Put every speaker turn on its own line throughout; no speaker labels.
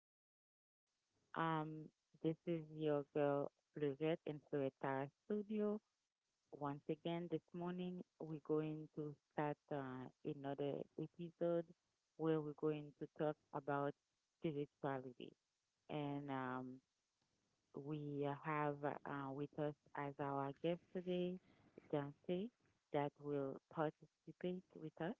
morning. Um, this is your girl Lizette in Tara Studio. Once again, this morning we're going to start another episode where we're going to talk about spirituality. And we have with us as our guest today, Dante, that will participate with us.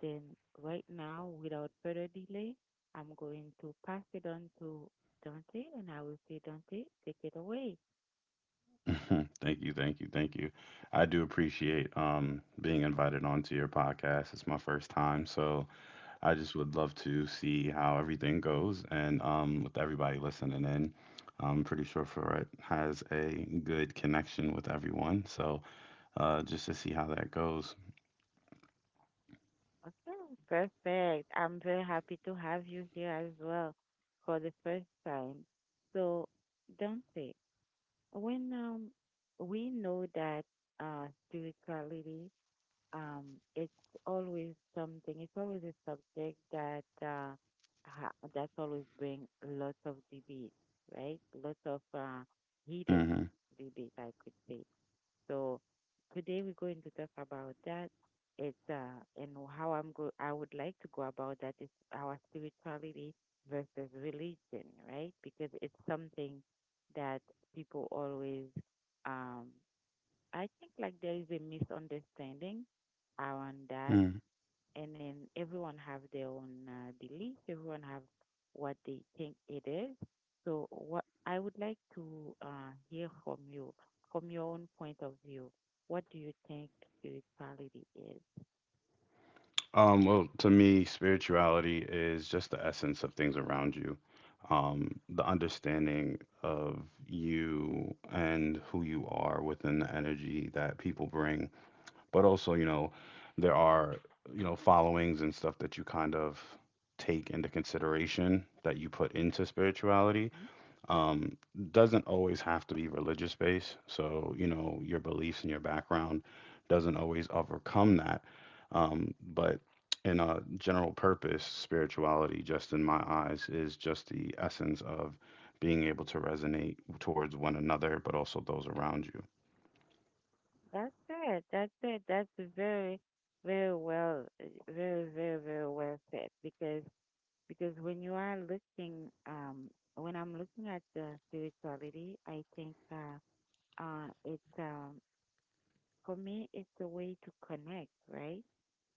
Then right now, without further delay, I'm going to pass it on to Dante, and I will say, Dante, take it away.
Thank you, thank you, thank you. I do appreciate being invited onto your podcast. It's my first time, so I just would love to see how everything goes. And with everybody listening in, I'm pretty sure Ferret has a good connection with everyone. So just to see how that goes.
Okay, perfect. I'm very happy to have you here as well for the first time. So, Dante, when we know that spirituality Um, it's always something. It's always a subject that that's always bring lots of debate, right? Lots of heated
Hmm
debate, I could say. So today we're going to talk about that. It's and how I'm go. I would like to go about that is our spirituality versus religion, right? Because it's something that people always um I think like there is a misunderstanding around that, and then everyone have their own belief. Everyone have what they think it is. So what I would like to hear from you, from your own point of view, what do you think spirituality is?
Well, to me, spirituality is just the essence of things around you, the understanding of you and who you are within the energy that people bring. But also, you know, there are, you know, followings and stuff that you kind of take into consideration that you put into spirituality
Mm.
um, doesn't always have to be religious based. So, you know, your beliefs and your background doesn't always overcome that. But in a general purpose, spirituality, just in my eyes, is just the essence of being able to resonate towards one another, but also those around you.
That's it. That's it. That's very, very well, uh, very, very, very well said. Because when you are looking, when I'm looking at the spirituality, I think it's for me, it's a way to connect, right?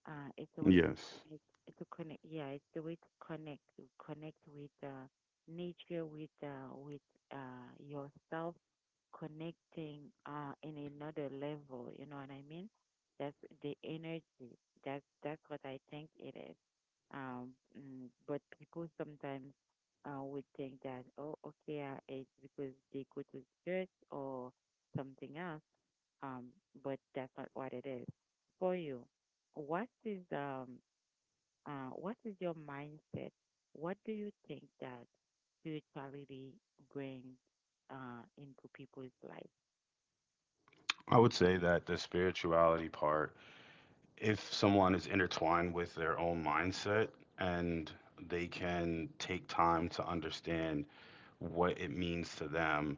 It's a way to
Yes.
connect. Yeah, it's the way to connect with nature, with yourself, connecting in another level. You know what I mean? That's the energy. That's what I think it is. Um, but people sometimes would think that, oh, okay, it's because they go to church or something else. Um, but that's not what it is. For you, what is um, what is your mindset? What do you think that spirituality brings into people's life?
I would say that the spirituality part if someone is intertwined with their own mindset and they can take time to understand what it means to them,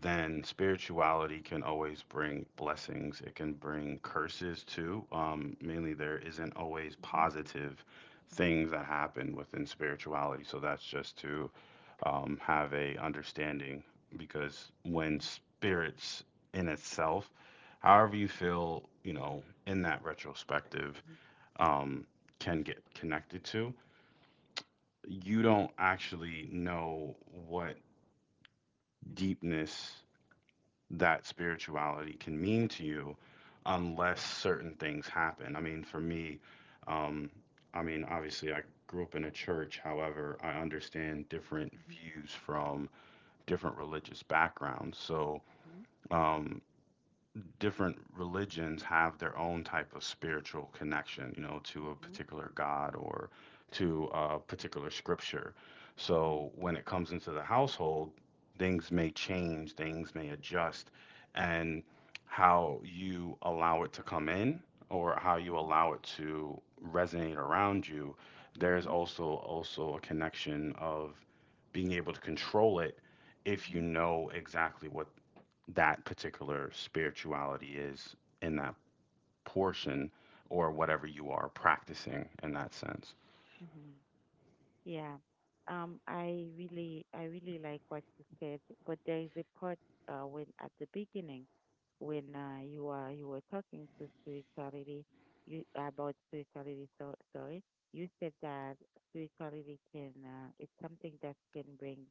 then spirituality can always bring blessings. It can bring curses too. Mainly, there isn't always
Mhm.
positive
Mhm.
things that happen within spirituality. So that's just to have a understanding because when spirits in itself however you feel, you know, in that retrospective
Mhm.
um, can get connected to, you don't actually know what
Mhm.
deepness that spirituality can mean to you unless certain things happen. I mean, for me, um, I mean, obviously, I grew up in a church. However, I understand different views from different religious backgrounds. So,
Mhm.
um, different religions have their own type of spiritual connection, you know,
Mhm.
to a
Mhm.
particular god or to a particular scripture.
Mhm.
So when it comes into the household, things may change, things may adjust, and how you allow it to come in or how you
Mhm.
allow it to resonate around you,
Mhm.
there's
Mhm.
also a connection of being able to control it if you
Mhm.
know exactly what that particular spirituality is in that portion or whatever you are practicing in that sense.
Mhm. Yeah. I really like what you said, but there is a part when at the beginning, when you were talking to spirituality, you about spirituality. So sorry, you said that spirituality can it's something that can bring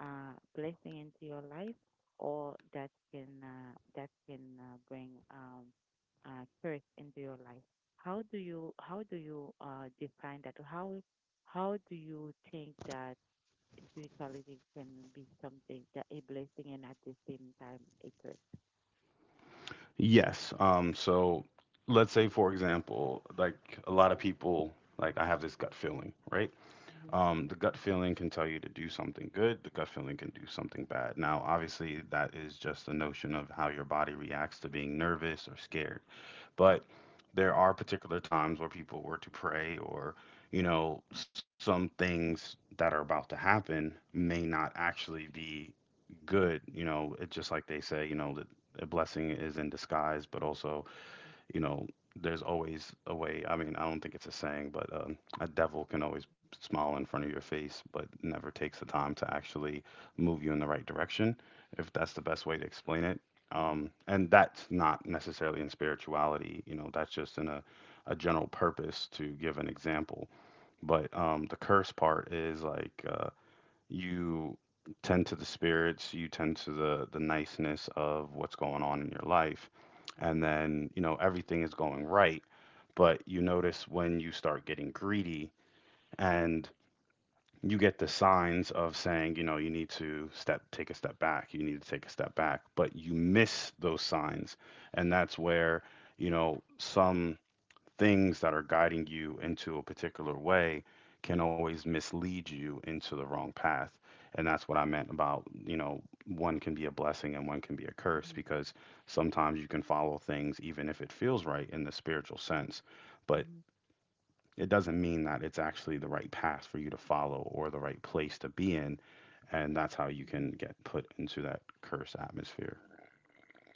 blessing into your life, or that can bring curse into your life. How do you define that? How do you think that spirituality can be something that a blessing and at the same time a curse?
Yes. So let's say, for example, like a lot of people, like I have this gut feeling, right?
Mm-hmm.
The gut feeling can tell you to do something good, the gut feeling can do something bad. Now, obviously, that is just the notion of how your body reacts to being nervous or scared. But there are particular times where people were to pray or you know some things that are about to happen may not actually be
Mm-hmm.
good, you know, it's just like they say, you know, that a blessing is in disguise but also, you know, there's always a way. I mean, I don't think it's a saying, but a devil can always smile in front of your face, but never takes the time to actually move you in the right direction, if that's the best way to explain it.
Mm-hmm.
And that's not necessarily in spirituality, you know, that's just in a general purpose to give an example. But the curse part is like, you tend to the spirits, you tend to the niceness of what's going on in your life,
Mm-hmm.
and then you know everything is going right, but you notice when you start getting greedy and you get the signs of saying, you know, you need to step take a step back, you need to take a step back, but you miss those signs, and that's where you know some things that are guiding you into a particular way can always mislead you into the wrong path. And that's what I meant about, you know, one can be a blessing and one can be a curse
Mm-hmm.
because sometimes you can follow things even if it feels right in the spiritual sense, but
Mm-hmm.
it doesn't mean that it's actually the right path for you to follow or the right place to be in. And that's how you can
Mm-hmm.
get put into that curse atmosphere.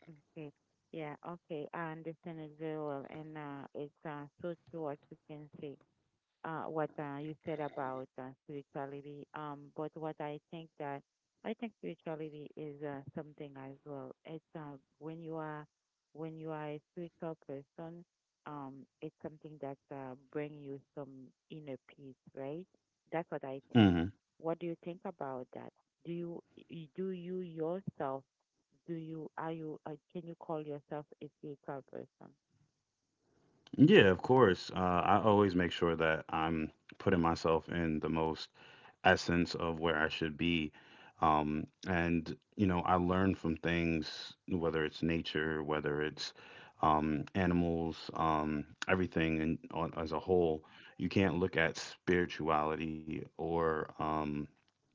Okay. Yeah, okay. I understand it very well. And it's so true what you can say. What you said about spirituality. But what I think that I think spirituality is something as well. It's when you are a spiritual person, it's something that bring you some inner peace, right? That's what I
Hmm
think. What do you think about that? Do you do you yourself? Do you are you can you call yourself a spiritual person?
Yeah, of course. I always make sure that I'm putting myself in the most essence of where I should be. And, you know, I learn from things, whether it's nature, whether it's animals, everything and on, as a whole. You can't look at spirituality or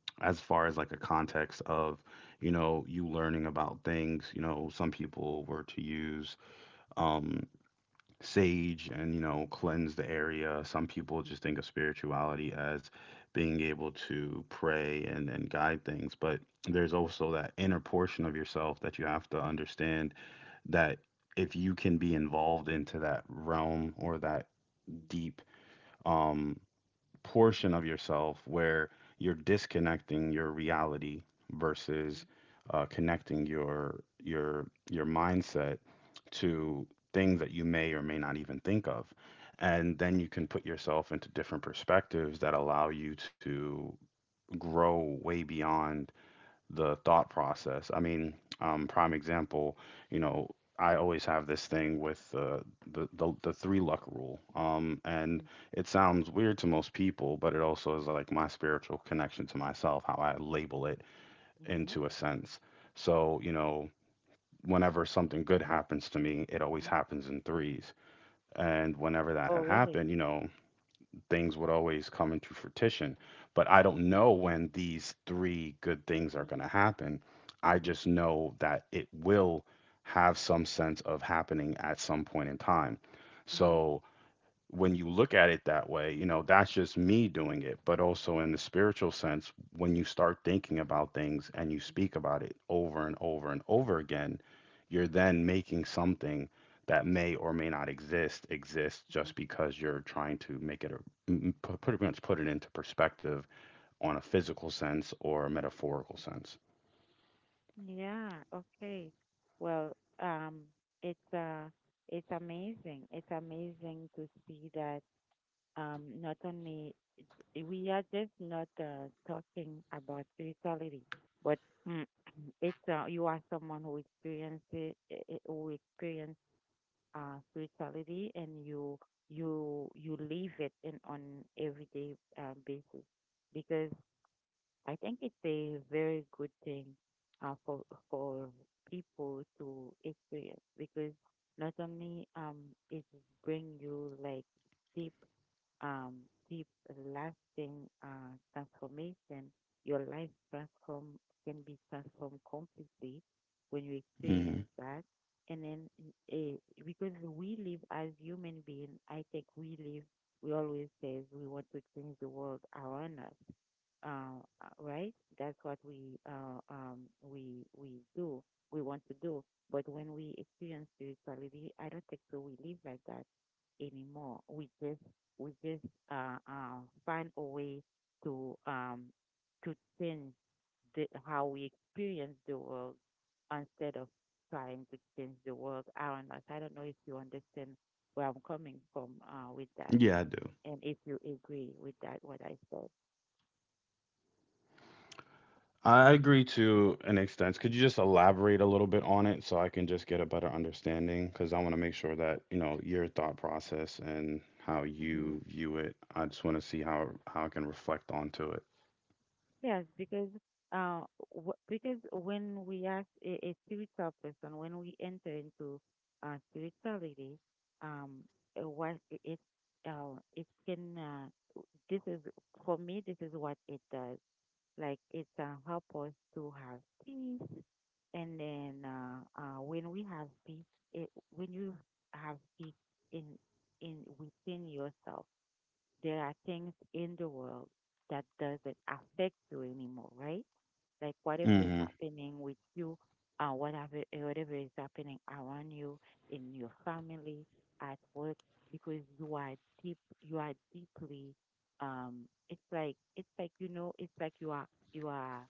as far as like a context of, you know, you learning about things. You know, some people were to use. um, Sage and you know cleanse the area, some people
Mhm.
just think of spirituality as being able to pray and guide things but there's also that inner portion of yourself that you have to understand that if you can be involved into that realm or that
Mhm.
deep um portion of yourself where you're disconnecting your reality versus connecting your mindset to things that you may or may not even think of and then you can put yourself into different perspectives that allow you to grow way beyond the thought process. I mean, prime example, you know, I always have this thing with the three luck rule, and
Mhm.
it sounds weird to most people, but it also is like my spiritual connection to myself, how I label it
Mhm.
into a sense. So, you know, whenever something good happens to me, it
hmm
always
mhm.
happens in threes, and whenever that
Oh,
had
really?
happened, you know, things would always come into fruition. But I don't know when these three good things are
Mhm.
going to happen. I
Mhm.
just know that it will have some sense of happening at some point in time.
Mhm.
So when you look at it that way, you know, that's just me doing it. But also in the spiritual sense, when you start thinking about things and you speak about it over and over and over again, you're
Mhm.
then making something that may or may not exist exist
Mhm.
just because you're trying to make it a pretty much put it into perspective on a physical sense or a metaphorical sense.
Yeah, okay. Well, it's uh, it's amazing. It's amazing to see that not only we are just not talking about spirituality, but mm, it's you are someone who experienced it, who experienced spirituality, and you you live it in on everyday basis because I think it's a very good thing uh, for for people to experience because not only it bring you like deep um deep lasting transformation, your life transform can be transformed completely when you
Hmm
experience that. And then uh, because we live as human beings, I think we live we always says we want to change the world around us right? That's what we we do. We want to do. But when we experience spirituality, I don't think so. We live like that anymore. We just find a way to to change the, how we experience the world instead of trying to change the world around us. I don't know if you understand where I'm coming from with that,
Yeah, I do.
and if you agree with that what I
I agree to an extent. Could you just elaborate a little bit on it so I can just get a better understanding? Because I want to make sure that, you know, your thought process and how
said.
you view it, I just want to see how I can reflect onto it.
Yes, because uh, w because when we ask a spiritual person, when we enter into spirituality, um, what I- it it can w- this is for me this is what it does. Like it help us to have peace, and then when we have peace, it, when you have peace in in within yourself there are things in the world that doesn't affect you anymore, right? Like whatever is
Mm-hmm.
happening with you, whatever is happening around you, in your family, at work, because you are deeply, it's like you are you are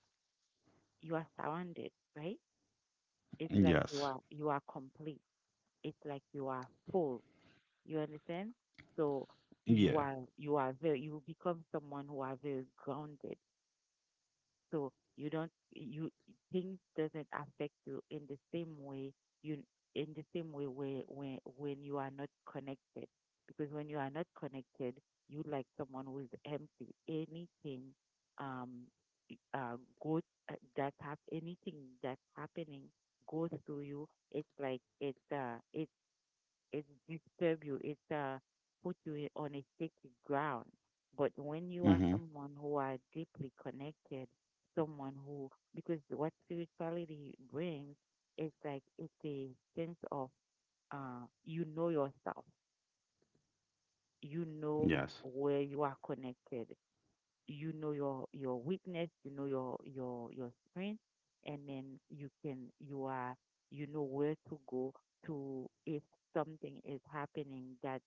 you are surrounded, right? It's like
Yes.
you are complete. It's like you are full you understand? So
Yeah.
you become someone who are very grounded. So you don't you things doesn't affect you in the same way you in the same way where when you are not connected. Because when you are not connected, you like someone who is empty. Anything um uh good that have anything that's happening goes through you. It's like it disturb you, it put you on a shaky ground. But when you are
Mm-hmm.
someone who are deeply connected, someone who because what spirituality brings is like it's a sense of you know yourself, you know
Yes.
where you are connected, you know your weakness, you know your strength, and then you can you are you know where to go to if something is happening that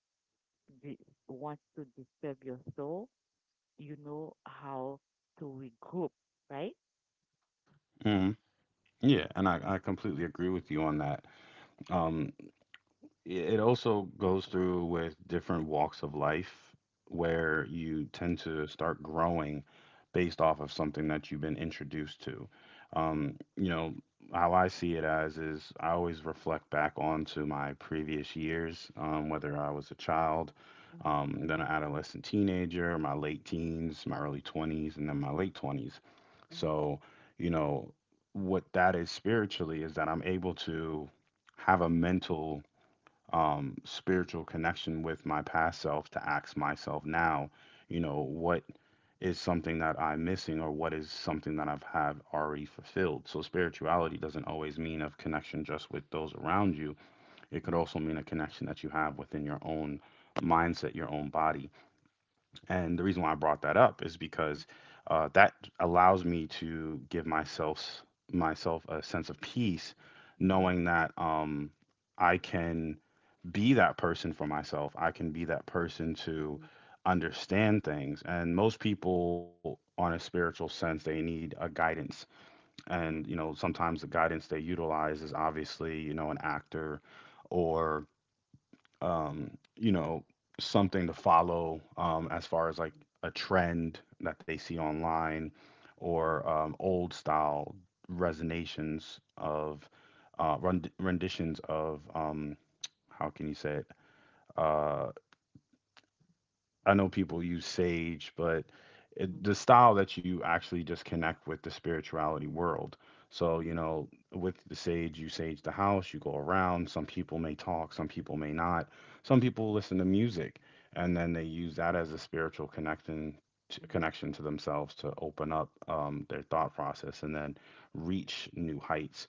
di- wants to disturb your soul, you know how to regroup, right?
Mm-hmm. Yeah. And I completely agree with you on that. Yeah, it also goes through with different walks of life where you tend to start growing based off of something that you've been introduced to.
Mhm.
You know, how I see it as is I always reflect back onto my previous years, whether I was a child,
Mhm.
then an adolescent teenager, my late teens, my early 20s, and then my late 20s.
Mhm.
So, you know, what that is spiritually is that I'm able to have a mental spiritual connection with my past self to ask myself now, you know, what is something that I'm missing or what is something that I've have already fulfilled. So spirituality doesn't always mean a connection just with those around you. It could
Mhm.
also mean a connection that you have within your own mindset, your own body. And the reason why I brought that up is
Mhm.
because that allows me to give myself a sense of peace,
Mhm. Mhm.
knowing that I can be that person for myself. I can be that person to
Mhm. Mhm.
understand things. And most people, on a spiritual sense, they need a guidance. And, you
Mhm. Mhm.
know, sometimes the guidance they utilize is obviously, you know, an actor or, um, you know, something to follow as far as like a trend that they see
Mhm. Mhm.
online
Mhm. Mhm.
or old style
Mhm.
resonations of renditions of how can you say it uh, I know people use sage, but it, the style that you actually just connect with the spirituality world. So,
Mhm.
you
Mhm.
know, with the sage, you sage the house, you go around. Some people may talk, some people may not. Some people listen to music, and then they use that as a spiritual connection to, connection to themselves to open up their thought process and then reach new heights.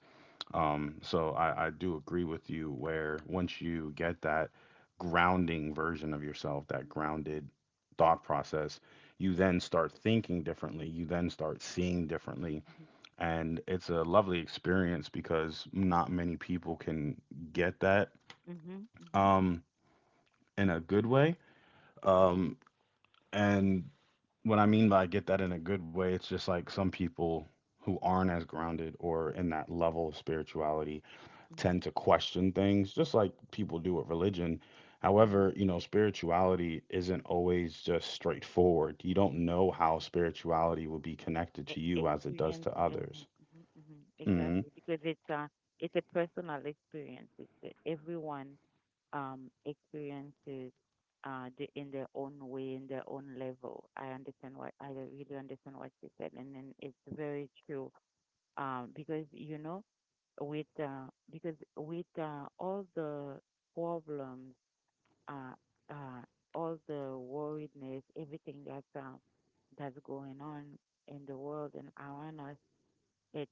So I do agree with you where once you get that grounding version of yourself, that grounded thought process, you then start thinking differently. You then start seeing differently. And it's a lovely experience because not many people can get that
Mhm.
um, in a good way. Um, and what I mean by get that in a good way, it's just like some people who aren't as grounded or in that level of spirituality tend
Mhm.
to question things, just like people do with religion.
Mhm.
However, you know, spirituality isn't always just straightforward. You don't know how spirituality will be connected to you as it does
Experience.
to
Mhm.
others.
Mhm. Mhm.
Mm
Exactly, because it's a personal experience. It's a, everyone experiences in their own way, in their own level. I really understand what you said, and then it's very true because you know with all the problems, uh, uh, all the worriedness, everything that's going on in the world and around us, it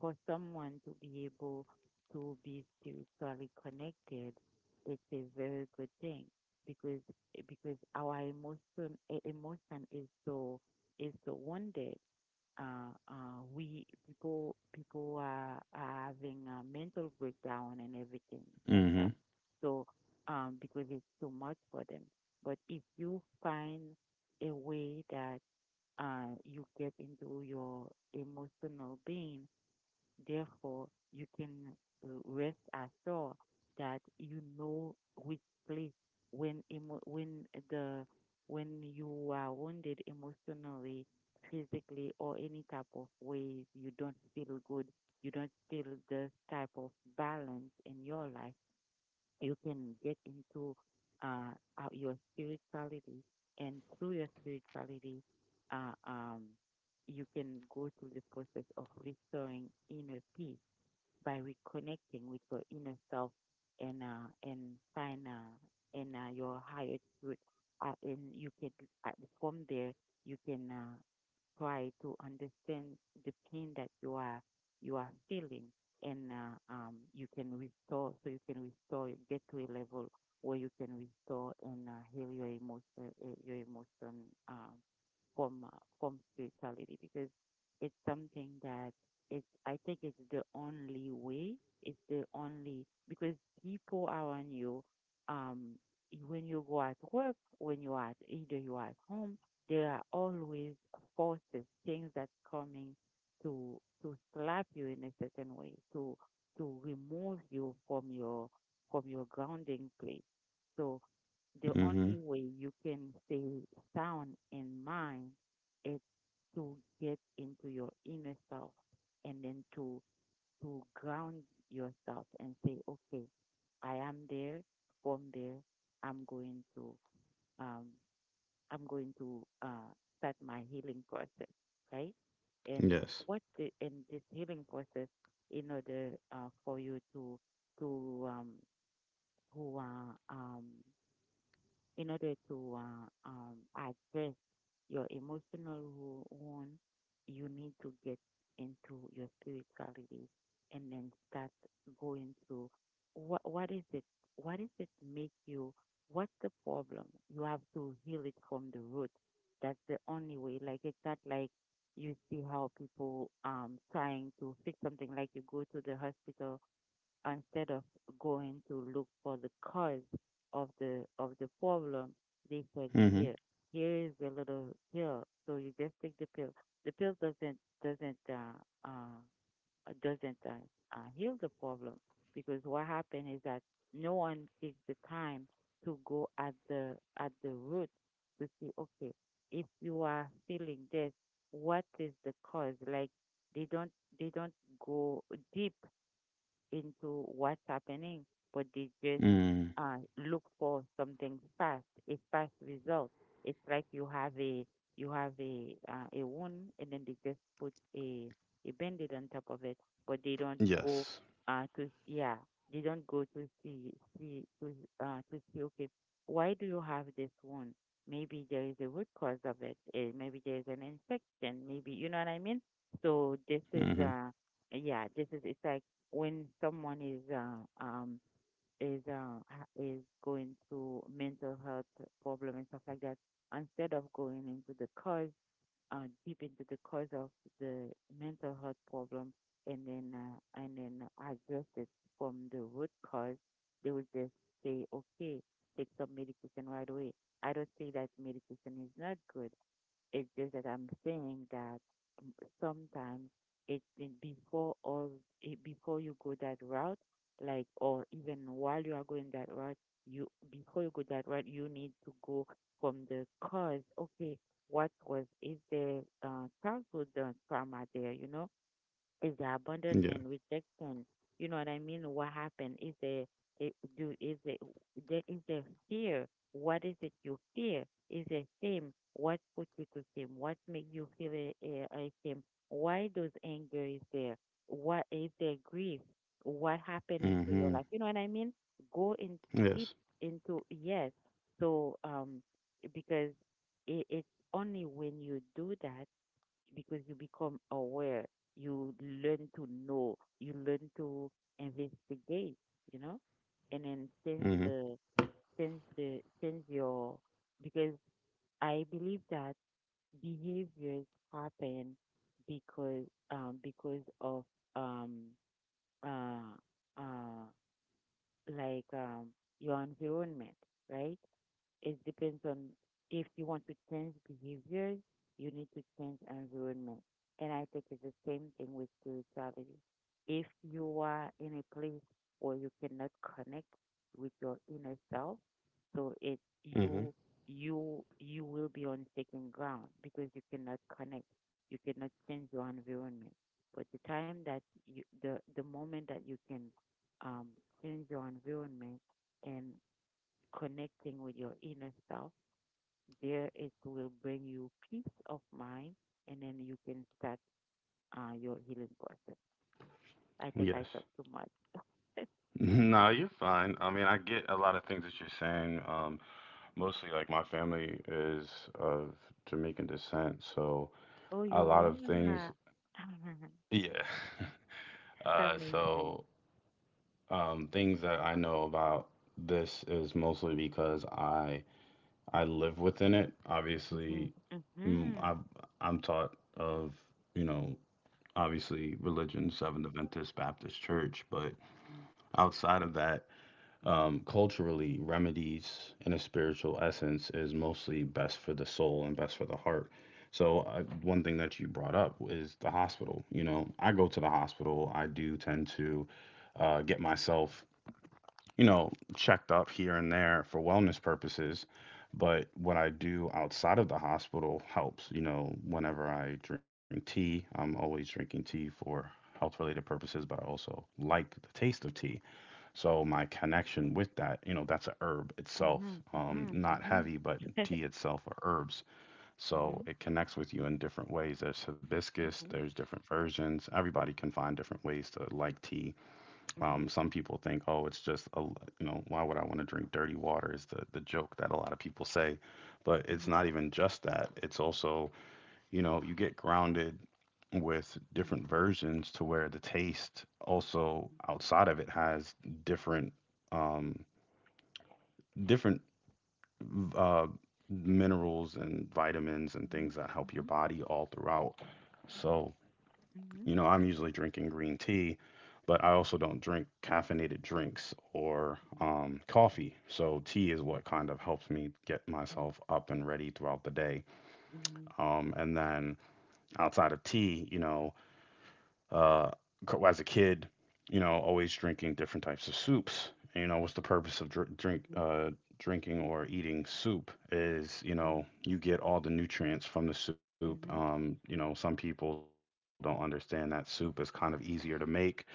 for someone to be able to be spiritually connected, it's a very good thing because because our emotion emotion is so wounded. We people people are having a mental breakdown and everything like
hmm, mm
that. So because it's too much for them. But if you find a way that you get into your emotional being therefore, you can rest assured that you know which place when emo- when the when you are wounded emotionally, physically, or any type of ways you don't feel good, you don't feel the type of balance in your life. You can get into your spirituality, and through your spirituality, uh, um, you can go through the process of restoring inner peace by reconnecting with your inner self and find and your higher truth. And you can uh, from there you can try to understand the pain that you are feeling, and you can restore. So you can restore, get to a level where you can restore and heal your emotion, uh, your emotion um, from spirituality because it's something that it, I think it's the only way. It's the only because people around you, um, when you go at work, when you are at either you are at home, there are always forces, things that coming to slap you in a certain way, to remove you from your grounding place. So the
hmm,
only way you can stay sound in mind is to get into your inner self and then to ground yourself and say, okay, I am there, from there, I'm going to um, I'm going to uh, start my healing process, right?
mm hmm.
And
Yes.
in this healing process, in order for you to um, to in order to address your emotional one, you need to get into your spirituality and then start going through what is it? What is it make you? What's the problem? You have to heal it from the root. That's the only way. Like it's not like you see how people trying to fix something. Like you go to the hospital instead of going to look for the cause of the problem, they said,
Mm hmm,
"Here, is a little pill. So you just take the pill. The pill doesn't uh, uh, doesn't heal the problem because what happened is that no one takes the time to go at the root to see. Okay, if you are feeling this, what is the cause? Like they don't they don't go deep into what's happening, but they just
mm hmm.
look for something fast, a fast result. It's like you have a wound, and then they just put a bandage on top of it, but
Yes.
uh, to yeah, they don't go to see see to see okay, why do you have this wound? Maybe there is a root cause of it. Maybe there is an infection. Maybe you know what I mean. So this
Mm
is
hmm.
yeah, this is it's like when someone is going through mental health problem and stuff like that, instead of going into the cause, deep into the cause of the mental health problem, and then address it from the root cause, they would just say, okay, take some medication right away. I don't say that medication is not good. It's just that I'm saying that um, sometimes it's in before all it, before you go that route, like or even while you are going that route, you before you go that route, you need to go from the cause. Okay, what was is there childhood trauma there? You know, is the
Yeah.
abandonment, rejection. You know what I mean? What happened? Is the it, do is the there is the fear? What is it you fear? Is the shame? What put you to shame? What make you feel a shame? Why those anger is there? What is the grief? What happened
Mm
into your
hmm.
life? You know what I mean? Go in deep
Yes.
into, yes. So um because it, it's only when you do that because you become aware, you learn to know, you learn to investigate, you know, and then sense
Mm
the sense the sense your because I believe that behaviors happen because because of um uh uh like um your environment, right? It depends on if you want to change behaviors, you need to change environment. And I think it's the same thing with spirituality. If you are in a place where you cannot connect with your inner self, so it
hmm, mm
you you you will be on second ground because you cannot connect. You cannot change your environment. But the time that you the moment that you can um change your environment and connecting with your inner self. There it will bring you peace of mind, and then you can start your healing process. I
hmm.
think
Yes.
I talk too much.
No, you're fine. I mean, I get a lot of things that you're saying. Mostly, like my family is of Jamaican descent, so
Oh,
a
you
lot of things.
are.
Yeah.
That's amazing.
So things that I know about, this is mostly because I live within it.
Mm-hmm,
Obviously, mm,
mm-hmm,
I've, I'm taught of, you know obviously, religion, Seventh Adventist Baptist Church, but outside of that,
mm-hmm,
culturally, remedies in a spiritual essence is mostly best for the soul and best for the heart. So, I, one thing that you brought up is the hospital. You know, I go to the hospital, I do tend to get myself, you know, checked up here and there for wellness purposes. But what I do outside of the hospital helps. You know, whenever I drink tea, I'm always drinking tea for health related purposes, but I also like the taste of tea. So my connection with that, you know, that's a herb
mm-hmm,
itself,
mm-hmm,
not
mm-hmm.
heavy, but tea itself are herbs. So
mhm,
it connects with you in different ways. There's hibiscus,
mhm,
there's different versions. Everybody can find different ways to like tea.
mhm, mhm,
Some people think, oh, it's just a, you know, why would I want to drink dirty water? Is the joke that a lot of people say, but
mhm,
it's
mhm,
not even just that. It's also, you know, you get grounded with different versions to where the taste also outside of it has different um, different uh, minerals and vitamins and things that help your body all throughout. So, you know, I'm usually drinking green tea, but I also don't drink caffeinated drinks or
mhm,
coffee. So tea is what kind of helps me get
mhm, mhm, mhm, mhm,
myself up and ready throughout the day.
mhm, mhm,
And then outside of tea, you know, uh, as a kid, you know, always drinking different types of soups. You know, what's the purpose of drinking or eating soup? Is, you
mhm,
know, you get all the nutrients from the soup.
mhm, mhm,
You know, some people don't understand that soup is kind of easier to make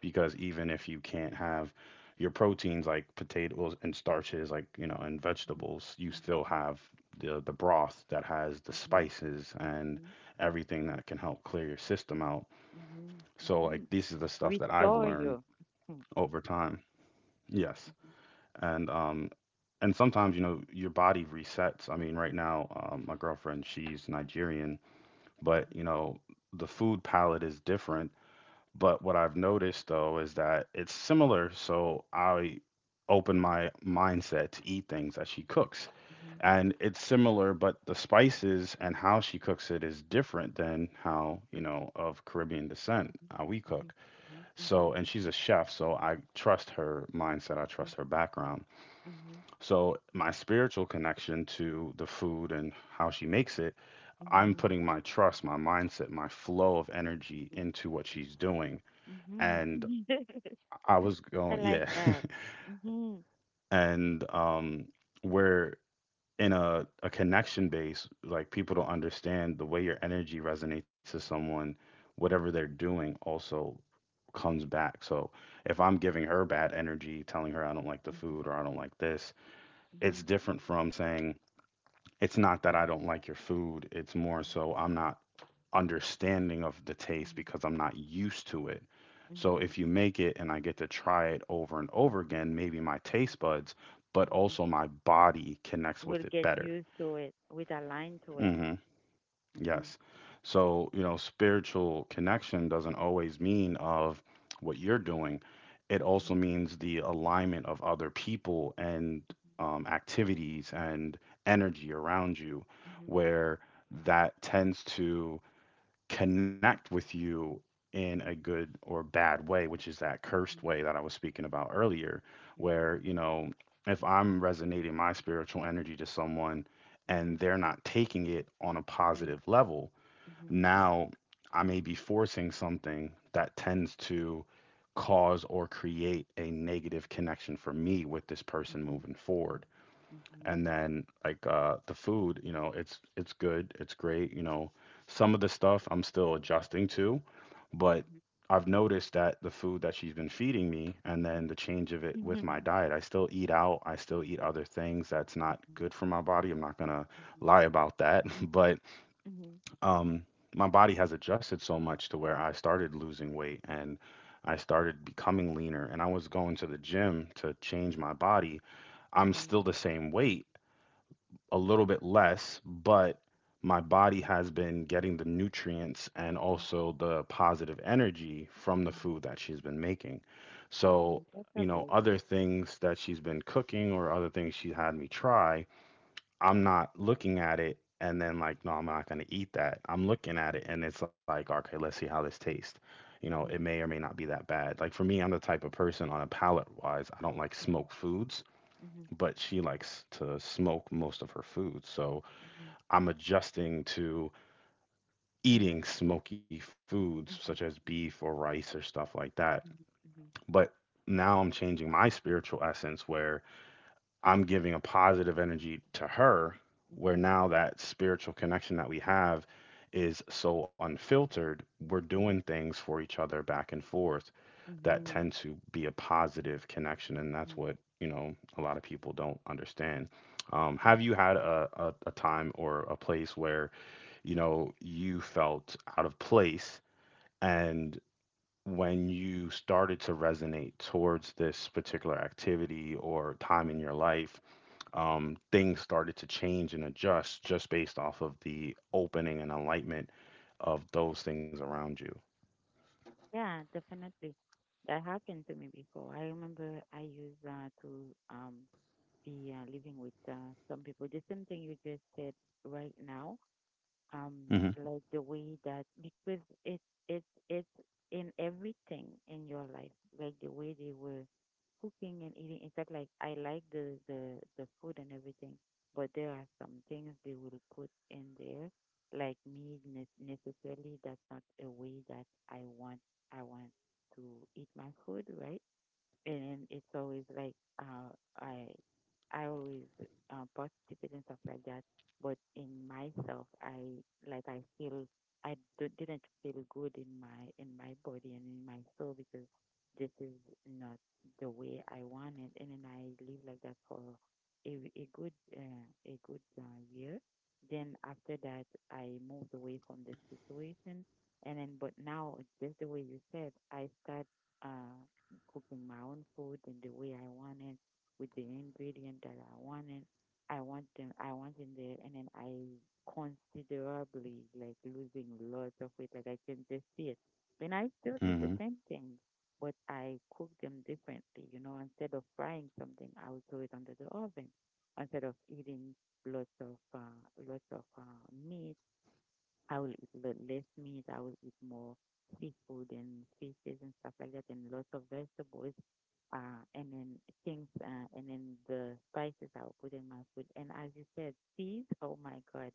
because even if you can't have your proteins like potatoes and starches, like, you know, and
mhm,
vegetables, you
mhm,
still have the broth that has the
mhm,
spices and
mhm,
everything that can help clear your system out.
mhm,
So, like,
mhm.
this is the stuff that I've
Restore
learned
you. Mhm,
over time. Yes.
mhm,
And um and sometimes, you know, your body resets. I mean, right now,
mhm,
my girlfriend, she's Nigerian, but, you
mhm,
know, the food palette is different. But what I've noticed though is that it's similar, so I open my mindset to eat things that she cooks.
mhm, mhm,
And it's similar, but the spices and how she cooks it is different than how, you know, of Caribbean descent,
mhm,
how we
mhm,
cook.
mhm,
So,
mhm,
and she's a chef, so I trust her mindset, I trust her background. So, my spiritual connection to the food and how she makes it, I'm
mhm,
putting my trust, my mindset, my flow of energy
mhm,
into what she's doing.
mhm,
And
mhm.
I was
I
going,
like
yeah.
that. Mm-hmm.
and We're in a connection base, like people don't understand the way your energy resonates to someone, whatever they're
Mm-hmm.
doing also comes back. So if I'm giving her bad energy, telling her I don't like the
Mm-hmm.
food or I don't like this, it's
Mm-hmm.
different from saying it's not that I don't like your food. It's more so I'm not understanding of the taste
Mm-hmm.
because I'm not used to it. So
Mm-hmm.
if you make it and I get to try it over and over again, maybe my
Mm-hmm.
taste buds, but
Mm-hmm.
also my body connects
We'll
with it
get
better.
used to it. We'll align to it.
Mm-hmm.
Mm-hmm.
Yes. So, you know, spiritual connection doesn't always mean of what you're doing. It
Mm-hmm.
also means the alignment of other people and activities and energy around you,
Mm-hmm.
where that tends to connect with you in a good or bad way, which is that cursed
Mm-hmm.
way that I was speaking about earlier,
Mm-hmm.
where, you know, if I'm resonating my spiritual energy to someone and
Mm-hmm.
they're not taking it on a
Mm-hmm.
positive level,
Mm-hmm.
now I may be forcing something that tends to cause or create a negative connection for me with this person
Mm-hmm.
moving
Mm-hmm.
forward. And
Mm-hmm.
then, like, the food, you know, it's good, it's great. You know, some of the stuff I'm still adjusting to, but
Mhm,
I've noticed that the food that she's been feeding me and then the change of it with
mhm.
my diet. I still eat out. I still eat other things that's not good for my body. I'm not going to
Mhm,
lie about that.
mhm,
But
mhm,
um my body has adjusted so much to where I started losing weight, and I started becoming leaner, and I was going to the gym to change my body.
mhm,
I'm
mhm,
still the same weight, a little bit less, but my body has been getting the nutrients
mhm,
and
mhm,
also the positive energy from the
mhm,
food that she's been making. So,
mhm. That's
you know,
amazing.
other things that she's been cooking or other things she had me try, I'm not looking at it and then like, no, I'm not going to eat that. I'm looking at it and it's like, okay, let's see how this tastes. You know, it
Mhm,
may or may
mhm,
not be that bad. Like for me, I'm the type of person on a palate wise, I don't like
mhm,
smoked foods,
mhm, mhm,
but she likes to smoke most of her food. So,
mhm,
I'm adjusting to
mhm,
eating
mhm,
smoky foods such as
mhm,
beef or rice or stuff like that. But now I'm changing my spiritual essence where I'm giving a positive energy to her, where
mhm,
now that spiritual connection that we have is so unfiltered, we're doing
mhm,
things for each other back and forth
mhm,
that tend
mhm,
to be a positive connection. And that's
mhm.
what, you know, a lot of people don't understand. Have you had a time or a place where, you know, you felt out of place? And when you started to resonate towards this particular activity or time in your life, things started to change and adjust just based off of the opening and enlightenment of those things around you.
Yeah, definitely. That happened to me before. I remember I used to be living with some people. The same thing you just said right now, um
Hmm.
like the way that, because it it's in everything in your life, like the way they were cooking and eating. In fact, like I like the food and everything, but there are some things they will put in there, like me, necessarily that's not a way that i want I want to eat my food, right? And it's always like uh I I always participate and stuff like that. But in myself, I like I feel I d- didn't feel good in my body and in my soul because this is not the way I want it. And then I live like that for a good year. Then after that, I moved away from the situation. And then, but now, just the way you said, I start uh, cooking my own food in the way I want it, with the ingredient that I want it. I want them. I want in there, and then I considerably like losing lots of weight. Like I can just see it. And I still eat the
Hmm.
same thing, but I cook them differently. You know, instead of frying something, I will throw it under the oven. Instead of eating lots of uh, lots of meat, I will eat less meat. I will eat more seafood and fishes and stuff like that, and lots of vegetables. Uh, and then and then the spices I'll put in my food. And as you said, seeds, oh my God,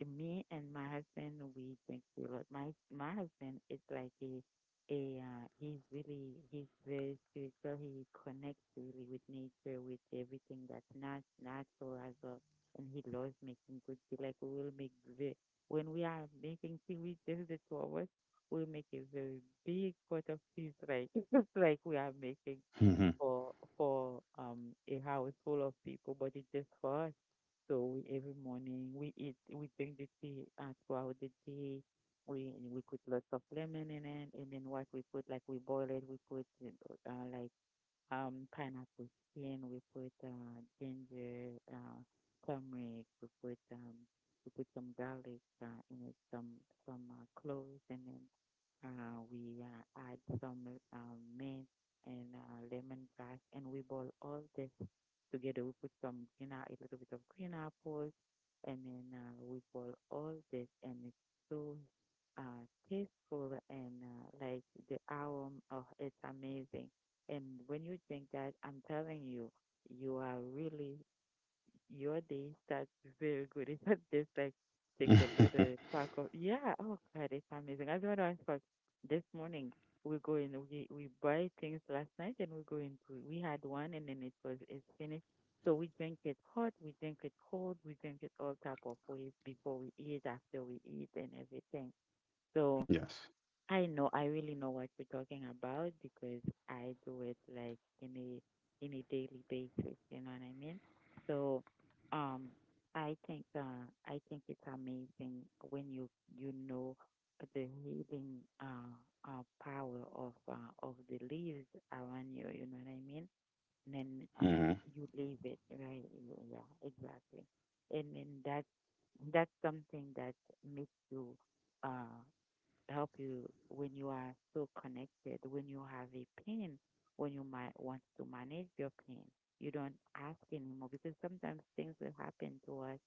me and my husband, we drink a lot. My husband is like a he's really he's very spiritual. He connects really with nature, with everything that's not natural as well. And he loves making good tea. Like we will make the when we are making tea, we, just the two of us, we'll make a very big pot of tea. Like it's like we are making
Hmm.
for for a house full of people, but it's just for us. So we, every morning we eat, we drink the tea throughout the day. We put lots of lemon in it, and then what we put, like, we boil it, we put uh, like pineapple skin. We put ginger, turmeric. We put some garlic in it, some cloves, and then we add some mint and lemongrass, and we boil all this together. We put some green, a little bit of green apples, and then we boil all this, and it's so tasteful and the aroma, oh, it's amazing. And when you drink that, I'm telling you, you are really, your day starts very good. It's not just like take a little pack of, yeah, oh God, it's amazing. As one of us, this morning, we go in, we buy things last night, and we go in, we had one and then it was, it's finished. So we drink it hot, we drink it cold, we drink it all type of ways before we eat, after we eat and everything. So
Yes.
I know, I really know what you're talking about because I do it like in a daily basis, you know what I mean? So, um, I think it's amazing when you know, the healing power of the leaves around you, you know what I mean? And then
Hmm.
you leave it, right? Yeah, exactly. And then that's something that makes you, uh help you when you are so connected, when you have a pain, when you might want to manage your pain. You don't ask anymore because sometimes things will happen to us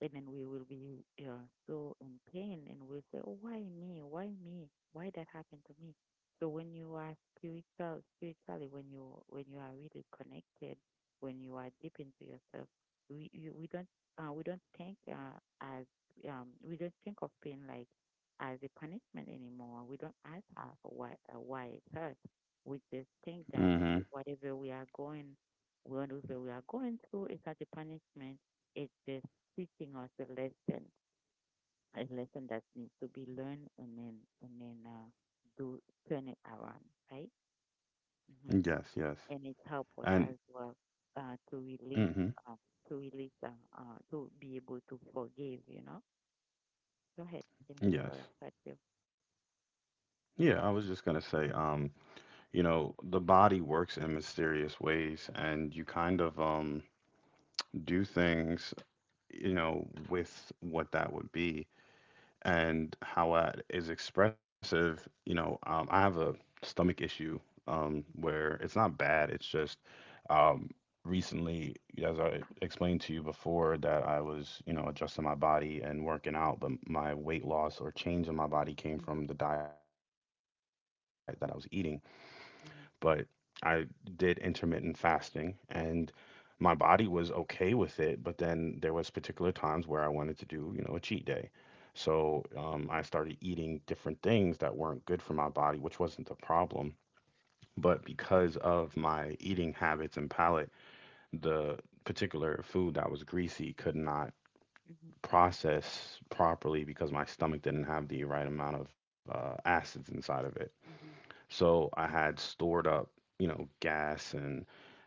and then we will be so in pain, and we'll say, oh, why me? Why me? Why that happened to me? So when you are spiritual, spiritually, when you are really connected, when you are deep into yourself, we you, we don't we don't think as we don't think of pain like as a punishment anymore. We don't ask why it hurts. We just think that okay,
Hmm.
whatever we are going through, it's not a punishment. It's just teaching us a lesson that needs to be learned and then do turn it around, right? hmm
Yes. Yes.
And it helps us as
And
well uh, to release,
hmm,
um, to release, to be able to forgive. You know, go ahead and go
yes.
for that too.
Yeah, I was just gonna say, you know, the body works in mysterious ways, and you kind of do things, you know, with what that would be and how that is expressive. You know, I have a stomach issue, where it's not bad, it's just, um, recently, as I explained to you before, that I was, you know, adjusting my body and working out, but my weight loss or change in my body came
Mm-hmm.
from the diet that I was eating. But I did
Mm-hmm.
intermittent fasting and my body was okay with it, but then there was particular times where I wanted to do, you know, a cheat day. So I started eating different things that weren't good for my body, which wasn't the problem. But because of my eating habits and palate, the particular food that was greasy could not
Mm-hmm.
process properly because my stomach didn't have the right amount of acids inside of it.
Mm-hmm.
So I had stored up, you know, gas, and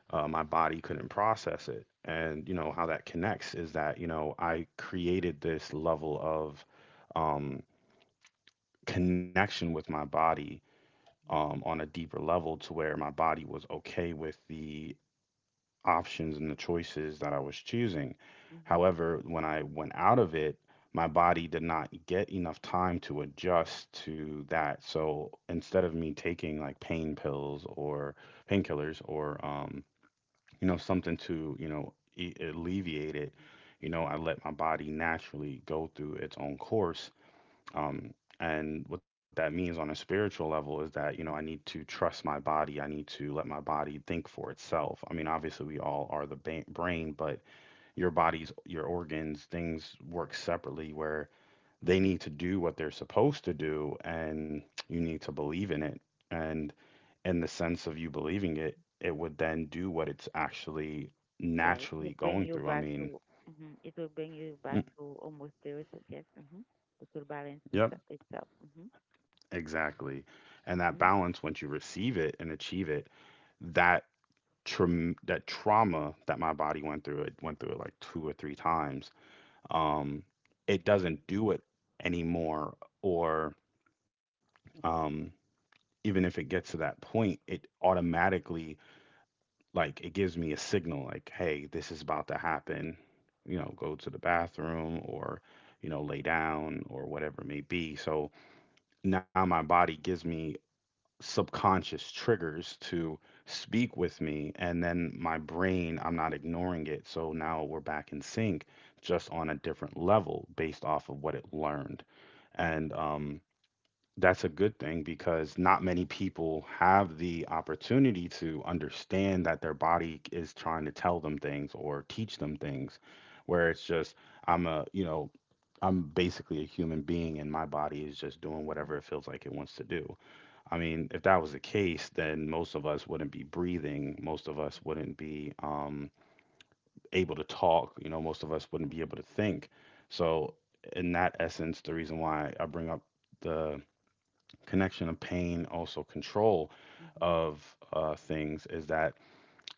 my body couldn't process it. And, you know, how that connects is that, you know, I created this level of um, connection with my body, on a deeper level to where my body was okay with the options and the choices that I was choosing.
Mm-hmm. Mm-hmm.
However, when I went out of it, my body did not get enough time to adjust to that. So instead of me taking like pain pills or painkillers, or you know, something to, you know, alleviate it, you know, I let my body naturally go through its own course, um, and what that means on a spiritual level is that, you know, I need
Mm-hmm.
to trust my body. I need to let my body think for itself. I mean, obviously, we all are the brain, but your body's, your organs, things work separately where they
Mm-hmm.
need to do what they're supposed to do, and
Mm-hmm.
you need to believe in it. And in the sense of you believing it, it would then do what it's actually
Yeah, it will
naturally
bring
going
you
through. I
back
mean,
to mhm, it will bring you back
mm,
to almost zero. So yes, mm-hmm. It will balance
yep.
itself. Mm-hmm.
Exactly. And that
Mm-hmm.
balance, once you receive it and achieve it, that traum that trauma that my body went through it like two or three times. Um, it doesn't do it anymore, or, um, even if it gets to that point, it automatically, like, it gives me a signal like, hey, this is about to happen. You know, go to the bathroom, or, you know, lay down or whatever it may be. So now my body gives me subconscious triggers to speak with me, and then my brain, I'm not ignoring it, so now we're back in sync, just on a different level based off of what it learned. And
Mm-hmm.
That's a good thing, because not many people have the opportunity to understand that their body is trying to tell them things or teach them things, where it's just, I'm a, I'm basically a human being and my body is just doing whatever it feels like it wants to do. I mean, if that was the case, then most of us wouldn't be breathing. Most of us wouldn't be able to talk. You know, most of us wouldn't be able to think. So, in that essence, the reason why I bring up the connection of pain, also control
Mm-hmm. Mm-hmm.
of things, is that,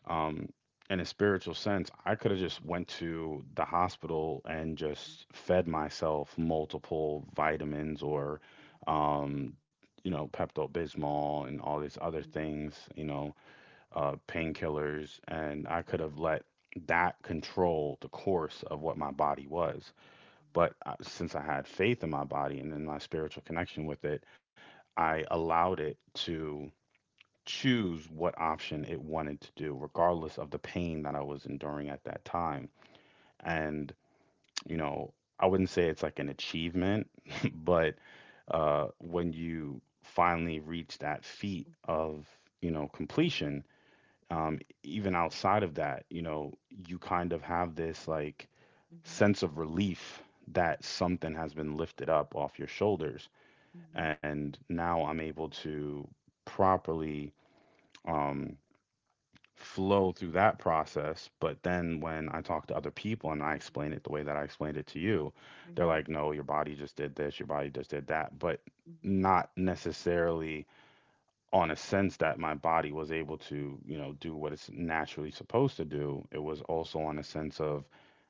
um, in a spiritual sense, I could have just went to the hospital and just fed myself multiple vitamins, or, um, you know, Pepto Bismol and all these other
Mm-hmm.
things, you know, painkillers, and I
Mm-hmm.
could have let that control the course of what my body was. But since I had faith in my body and in my spiritual connection with it, I allowed it to choose what option it wanted to do, regardless of the pain that I was enduring at that time. And, you know, I wouldn't say it's like an achievement, but when you finally reach that feat of, you know, completion, even outside of that, you know, you kind of have this, like,
Mm-hmm. Mm-hmm.
sense of relief that something has been lifted up off your shoulders.
Mm-hmm.
And now I'm able to properly. Um, flow through that process. But then when I talk to other people and I explain it the way that I explained it to you,
Mm-hmm.
they're
Mm-hmm.
like, no, your body just did this, your body just did that. But not necessarily on a sense that my body was able to, you know, do what it's naturally supposed to do. It was also on a sense of,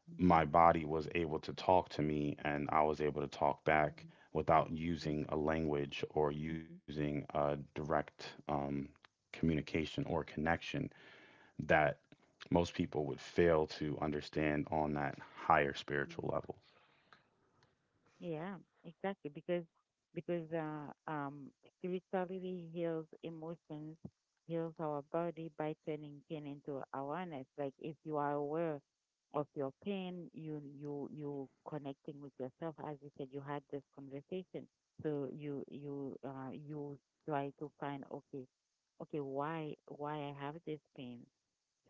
Mm-hmm.
my body was able to talk to me and I was able to talk back without
Mm-hmm.
using a language or
Mm-hmm.
using a direct communication or connection that most people would fail to understand on that higher spiritual
Mm-hmm.
level.
Yeah, exactly. Because spirituality heals emotions, heals our body by turning pain into awareness. Like if you are aware of your pain, you you connecting with yourself. As you said, you had this conversation, so you try to find okay, okay, why I have this pain?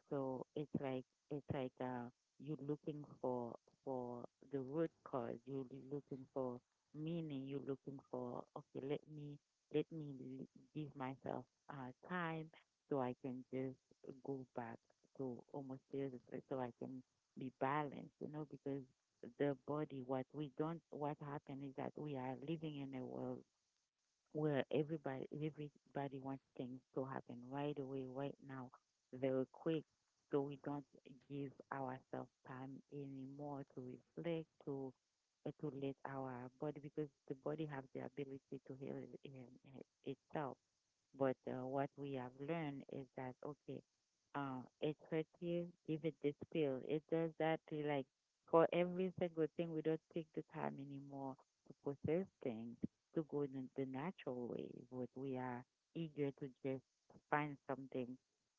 So it's like you're looking for the root cause. You're looking for meaning. You're looking for okay. Let me give myself time so I can just go back to almost zero so I can be balanced. You know, because the body, what we don't what happens is that we are living in a world where everybody wants things to happen right away, right now, very quick. So we don't give ourselves time anymore to reflect, to let our body, because the body have the ability to heal itself. But what we have learned is that, okay, it hurts you, give it this pill. It does that to, like, for every single thing, we don't take the time anymore to process things, to go in the natural way. But we are eager to just find something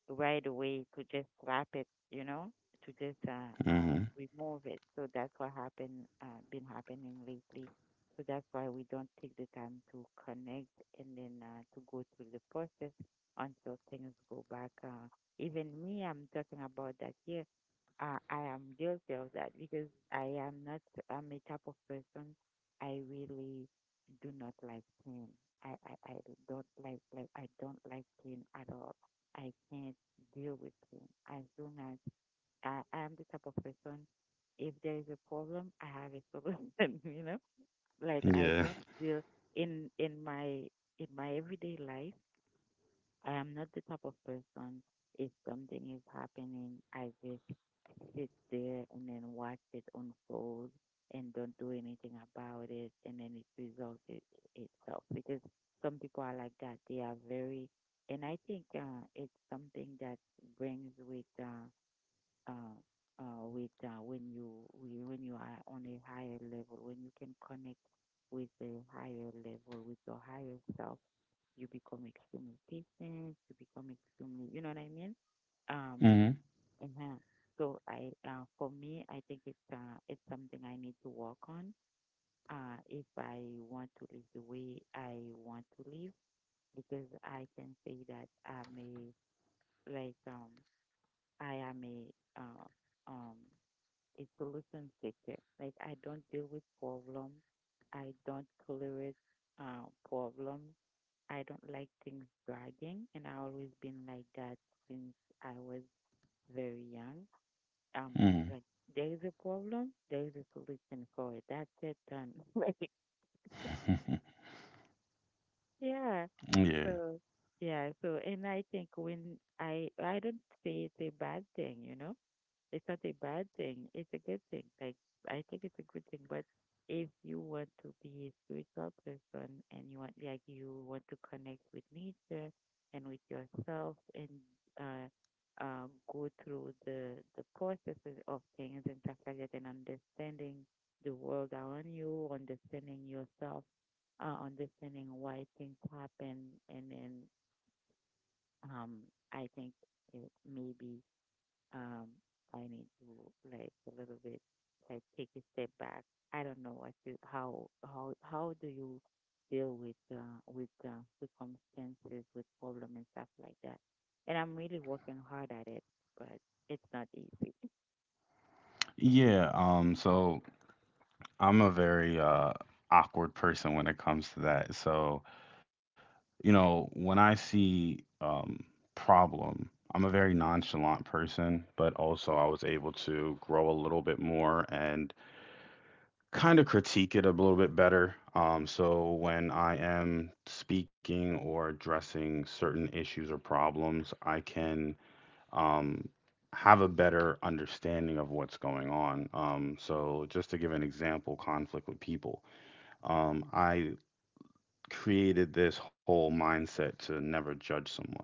right away, to just slap it, you know, to just
Hmm.
remove it. So that's what been happening lately, so that's why we don't take the time to connect and then to go through the process until things go back. Even me, I'm talking about that here. I am guilty of that because I am not, I'm a type of person, I really do not like pain. I don't like, I don't like pain at all. I can't deal with pain. As soon as I am the type of person, if there is a problem, I have a solution, you know? Like, I
Yeah.
don't feel, in in my in my everyday life, I am not the type of person, if something is happening, I just sit there and then watch it unfold and don't do anything about it and then it resolves it itself, because some people are like that. They are very, and I think it's something that brings uh, with when you when you are on a higher level, when you can connect with the higher level, with your higher self, you become extremely patient. You become extremely, you know what I mean? Um,
Hmm.
uh So for me, I think it's something I need to work on. If I want to live the way I want to live, because I can say that I'm a, like um I am a um it gluten seeker. Like, I don't deal with problems. I don't tolerate problems. I don't like things dragging and I always been like that since I was very young. Um
Hmm.
like, there is a problem, there is a solution for it. That's it, done. Like, yeah.
Yeah.
So yeah, so, and I think when I don't say it's a bad thing, you know. It's not a bad thing. It's a good thing. Like, I think it's a good thing. But if you want to be a spiritual person and you want, like, you want to connect with nature and with yourself and uh go through the processes of things and stuff like that, and understanding the world around you, understanding yourself, understanding why things happen, and then um I think it maybe, um, I need to, like, a little bit, like, take a step back. I don't know what to, how do you deal with circumstances, with problem and stuff like that. And I'm really working hard at it, but it's not easy.
Yeah. So I'm a very awkward person when it comes to that. So, you know, when I see problem, I'm a very nonchalant person, but also I was able to grow a little bit more and kind of critique it a little bit better. So when I am speaking or addressing certain issues or problems, I can, um, have a better understanding of what's going on. So just to give an example, conflict with people. I created this whole mindset to never judge someone.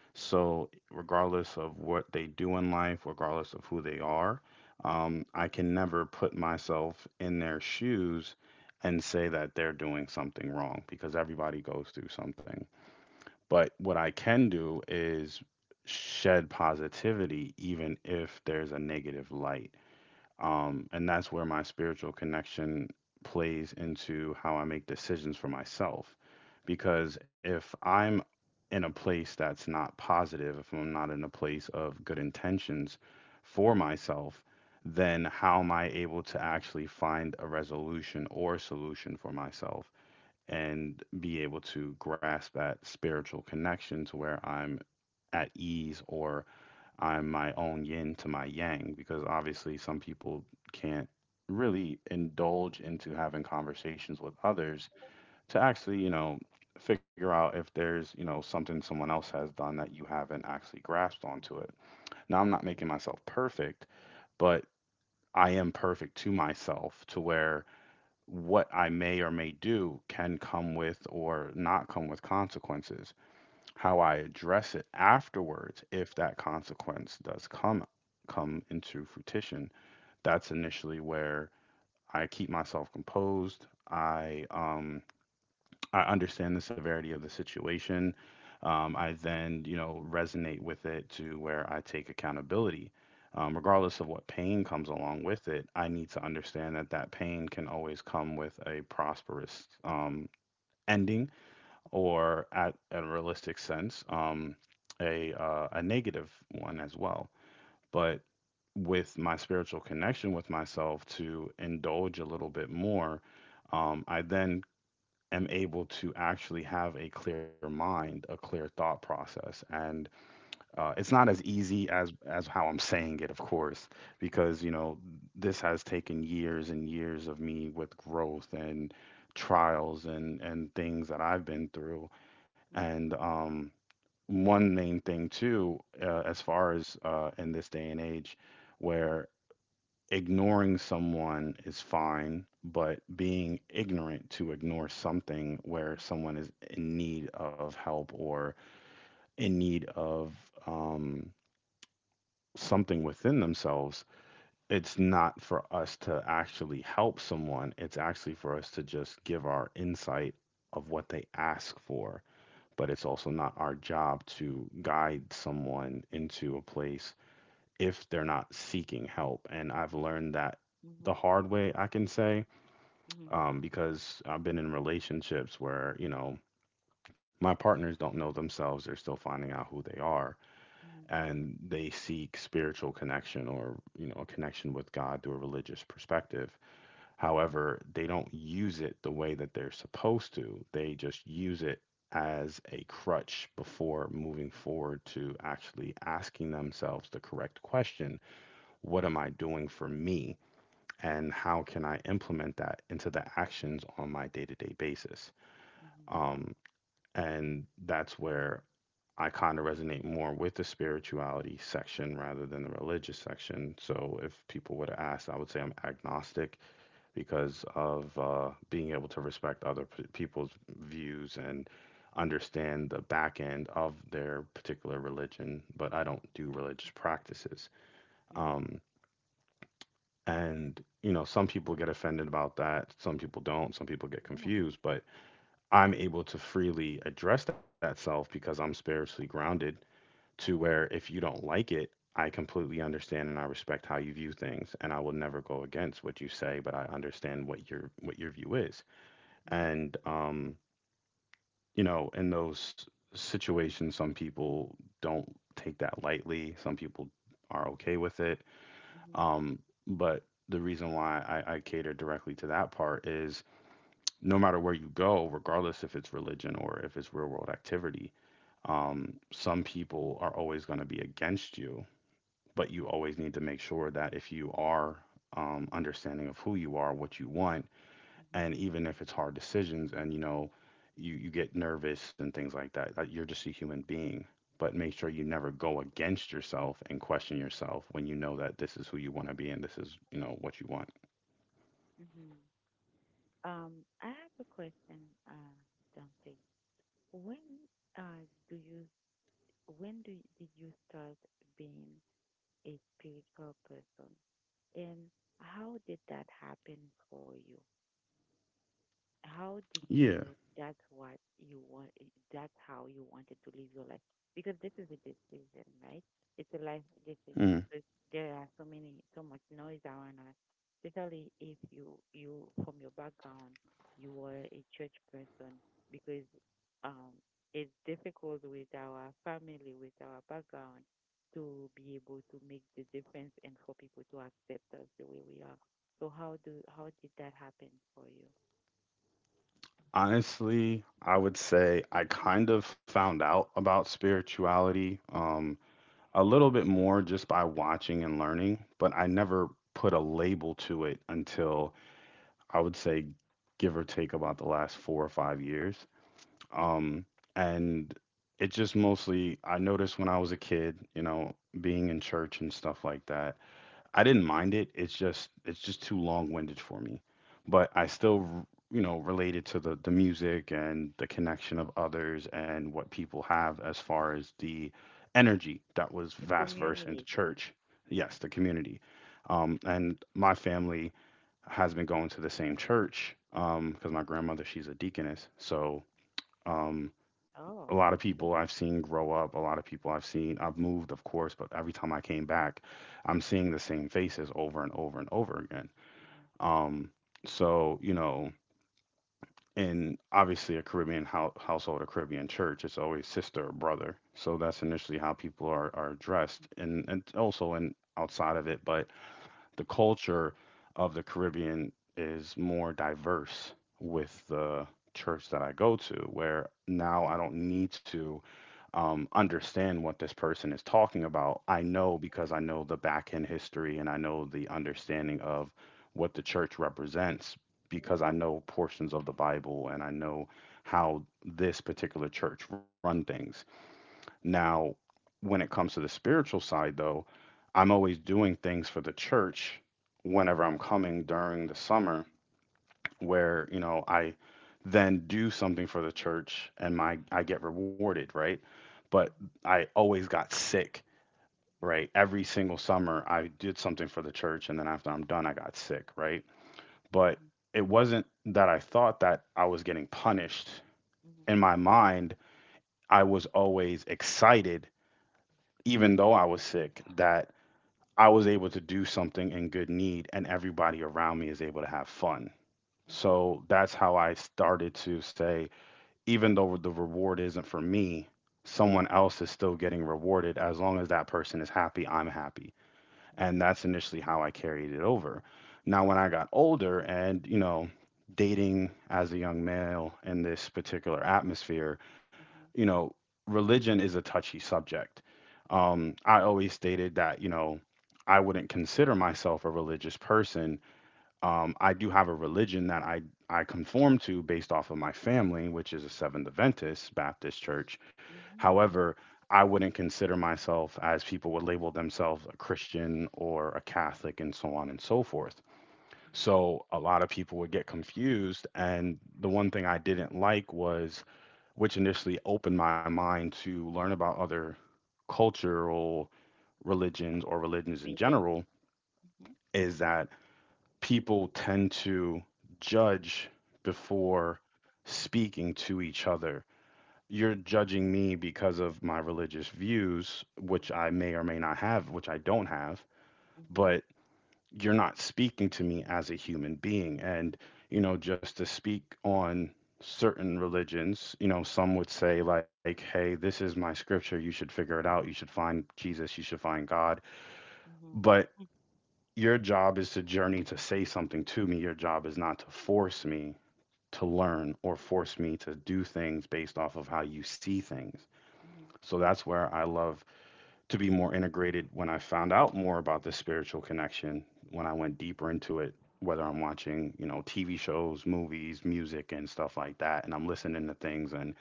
So, regardless of what they do in life, regardless of who they are, I can never put myself in their shoes and say that they're doing something wrong, because everybody goes through something. But what I can do is shed positivity, even if there's a negative light. And that's where my spiritual connection plays into how I make decisions for myself. Because if I'm in a place that's not positive, if I'm not in a place of good intentions for myself, then how am I able to actually find a resolution or solution for myself and be able to grasp that spiritual connection to where I'm at ease, or I'm my own yin to my yang, because obviously some people can't really indulge into having conversations with others to actually, you know, figure out if there's, you know, something someone else has done that you haven't actually grasped onto it. Now, I'm not making myself perfect, but I am perfect to myself, to where what I may or may do can come with or not come with consequences, how I address it afterwards, if that consequence does come into fruition, that's initially where I keep myself composed. I understand the severity of the situation. I then, you know, resonate with it to where I take accountability. Regardless of what pain comes along with it, I need to understand that that pain can always come with a prosperous, ending, or at a realistic sense, a negative one as well. But with my spiritual connection with myself to indulge a little bit more, I then am able to actually have a clear mind, a clear thought process, and it's not as easy as how I'm saying it, of course, because, you know, this has taken years and years of me, with growth and trials and things that I've been through, and one main thing too, as far as in this day and age, where ignoring someone is fine, but being ignorant to ignore something where someone is in need of help or in need of, um, something within themselves, it's not for us to actually help someone. It's actually for us to just give our insight of what they ask for, but it's also not our job to guide someone into a place if they're not seeking help. And I've learned that the hard way, I can say, because I've been in relationships where, you know, my partners don't know themselves. They're still finding out who they are. And they seek spiritual connection or, you know, a connection with God through a religious perspective. However, they don't use it the way that they're supposed to. They just use it as a crutch before moving forward to actually asking themselves the correct question. What am I doing for me? And how can I implement that into the actions on my day to day basis? Um, and that's where I kind of resonate more with the spirituality section rather than the religious section. So if people would have asked, I would say I'm agnostic because of, being able to respect other people's views and understand the back end of their particular religion. But I don't do religious practices. Um, and, you know, some people get offended about that, some people don't, some people get confused, but I'm able to freely address that self because I'm spiritually grounded, to where if you don't like it, I completely understand and I respect how you view things, and I will never go against what you say, but I understand what your view is. And, you know, in those situations, some people don't take that lightly. Some people are okay with it. Um, but the reason why I cater directly to that part is, no matter where you go, regardless if it's religion or if it's real world activity, some people are always going to be against you. But you always need to make sure that if you are, understanding of who you are, what you want, and even if it's hard decisions and, you know, you get nervous and things like that, like, you're just a human being, but make sure you never go against yourself and question yourself when you know that this is who you want to be and this is, you know, what you want.
No. I have a question, uh, Dante. When uh, do you when do you, did you start being a spiritual person, and how did that happen for you? How did you
Yeah.
know that's what you want, that's how you wanted to live your life, because this is a decision, right? It's a life
Mm.
decision, because there are so many, so much noise around us, especially if you from your background, you were a church person, because um it's difficult with our family, with our background, to be able to make the difference and for people to accept us the way we are. So how did that happen for you?
Honestly, I would say I kind of found out about spirituality, a little bit more just by watching and learning, but I never put a label to it until, I would say, give or take, about the last 4 or 5 years.
Hmm.
Um, and it just mostly, I noticed when I was a kid, you know, being in church and stuff like that, I didn't mind it. It's just too long-winded for me. But I still, you know, related to the music and the
Mm.
connection of others and what people have as far as the energy that was
Your
vast verse into
communities.
church.
Mhm.
Yes, the community. And my family has been going to the same church, because my grandmother, she's a deaconess, so. Um,
Oh.
a lot of people I've seen grow up, a lot of people I've seen, I've moved, of course, but every time I came back, I'm seeing the same faces over and over and over again.
Mhm.
Um, so, you know, in obviously a Caribbean household, a Caribbean church, it's always sister or brother. So that's initially how people are addressed, and, also and outside of it. But the culture of the Caribbean is more diverse with
Mhm.
the church that I go to, where now I don't need to, understand what this person is talking about. I know, because I know the back end history and I know the understanding of what the church represents, because I know portions of the Bible and I know how this particular church run things. Now, when it comes to the spiritual side, though, I'm always doing things for the church whenever I'm coming during the summer
Mhm.
where, I then do something for the church and my I get rewarded, right? But
Mhm.
I always got sick, right? Every single summer I did something for the church and then after I'm done I got sick, right? But
Mhm.
it wasn't that I thought that I was getting punished.
Mhm. Mhm.
In my mind, I was always excited even though I was sick, that I was able to do something in good need and everybody around me is able to have fun.
Mhm. Mhm.
So that's how I started to say, even though the reward isn't for me, someone else is still getting rewarded. As long as that person is happy, I'm happy.
Mhm.
And that's initially how I carried it over. Now, when I got older and, dating as a young male in this particular atmosphere, you know, religion is a touchy subject. I always stated that, I wouldn't consider myself a religious person.
Mhm.
I do have a religion that I conform to based off of my family, which is a Seventh Adventist Baptist church. However, I wouldn't consider myself, as people would label themselves, a Christian or a
Mhm. Mhm.
Catholic and so on and so forth.
Mhm.
So a lot of people would get confused. And the one thing I didn't like was, which initially opened my mind to learn about other cultural religions or religions in
Really.
general,
Mhm.
is that people tend to judge before speaking to each other. You're
Mhm.
judging me because of my religious views,
Mhm.
which I may or may not have, which I don't have.
Mhm.
But you're not speaking to me as a human being. And,
Mhm.
just to speak on certain religions, some would say, like, hey, this is my scripture. You should figure it out. You should find Jesus. You should find God.
Mhm.
But your job is to journey to say something to me. Your job is not to force me to learn or force me to do things based off of how you see things. So that's where I love to be more integrated when I found out more about the spiritual connection, when I went deeper into it, whether I'm watching, TV shows, movies, music, and stuff like that, and I'm listening to things. And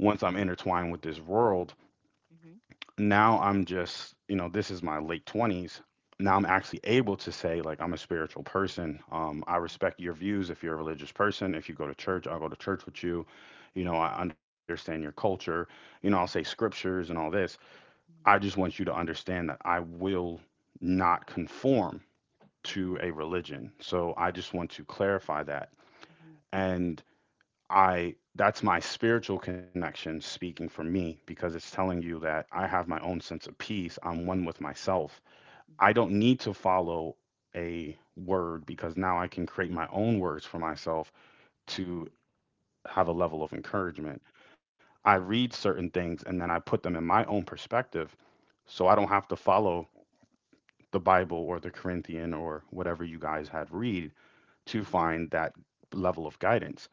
once I'm intertwined with this world,
Mhm. Mhm.
now I'm just, this is my late 20s. Now I'm actually able to say, like, I'm a spiritual person. I respect your views if you're a religious person. If you go to
Mhm.
church, I'll go to church with you. I understand your culture. I'll say
Mhm. Mhm.
scriptures and all this. I
Mhm.
just want you to understand that I will not conform
Mhm.
to a religion. So I just want to clarify that.
Mhm. Mhm. Mhm.
And I that's my spiritual connection speaking for me because it's telling you that I have my own sense of peace. I'm
Mhm.
one with myself. I don't need to follow a word because now I can create my own words for myself to have a level of encouragement. I read certain things and then I put them in my own perspective so I don't have to follow the Bible or the Corinthian or whatever you guys had read
Mhm.
to
Mhm.
find that level of guidance.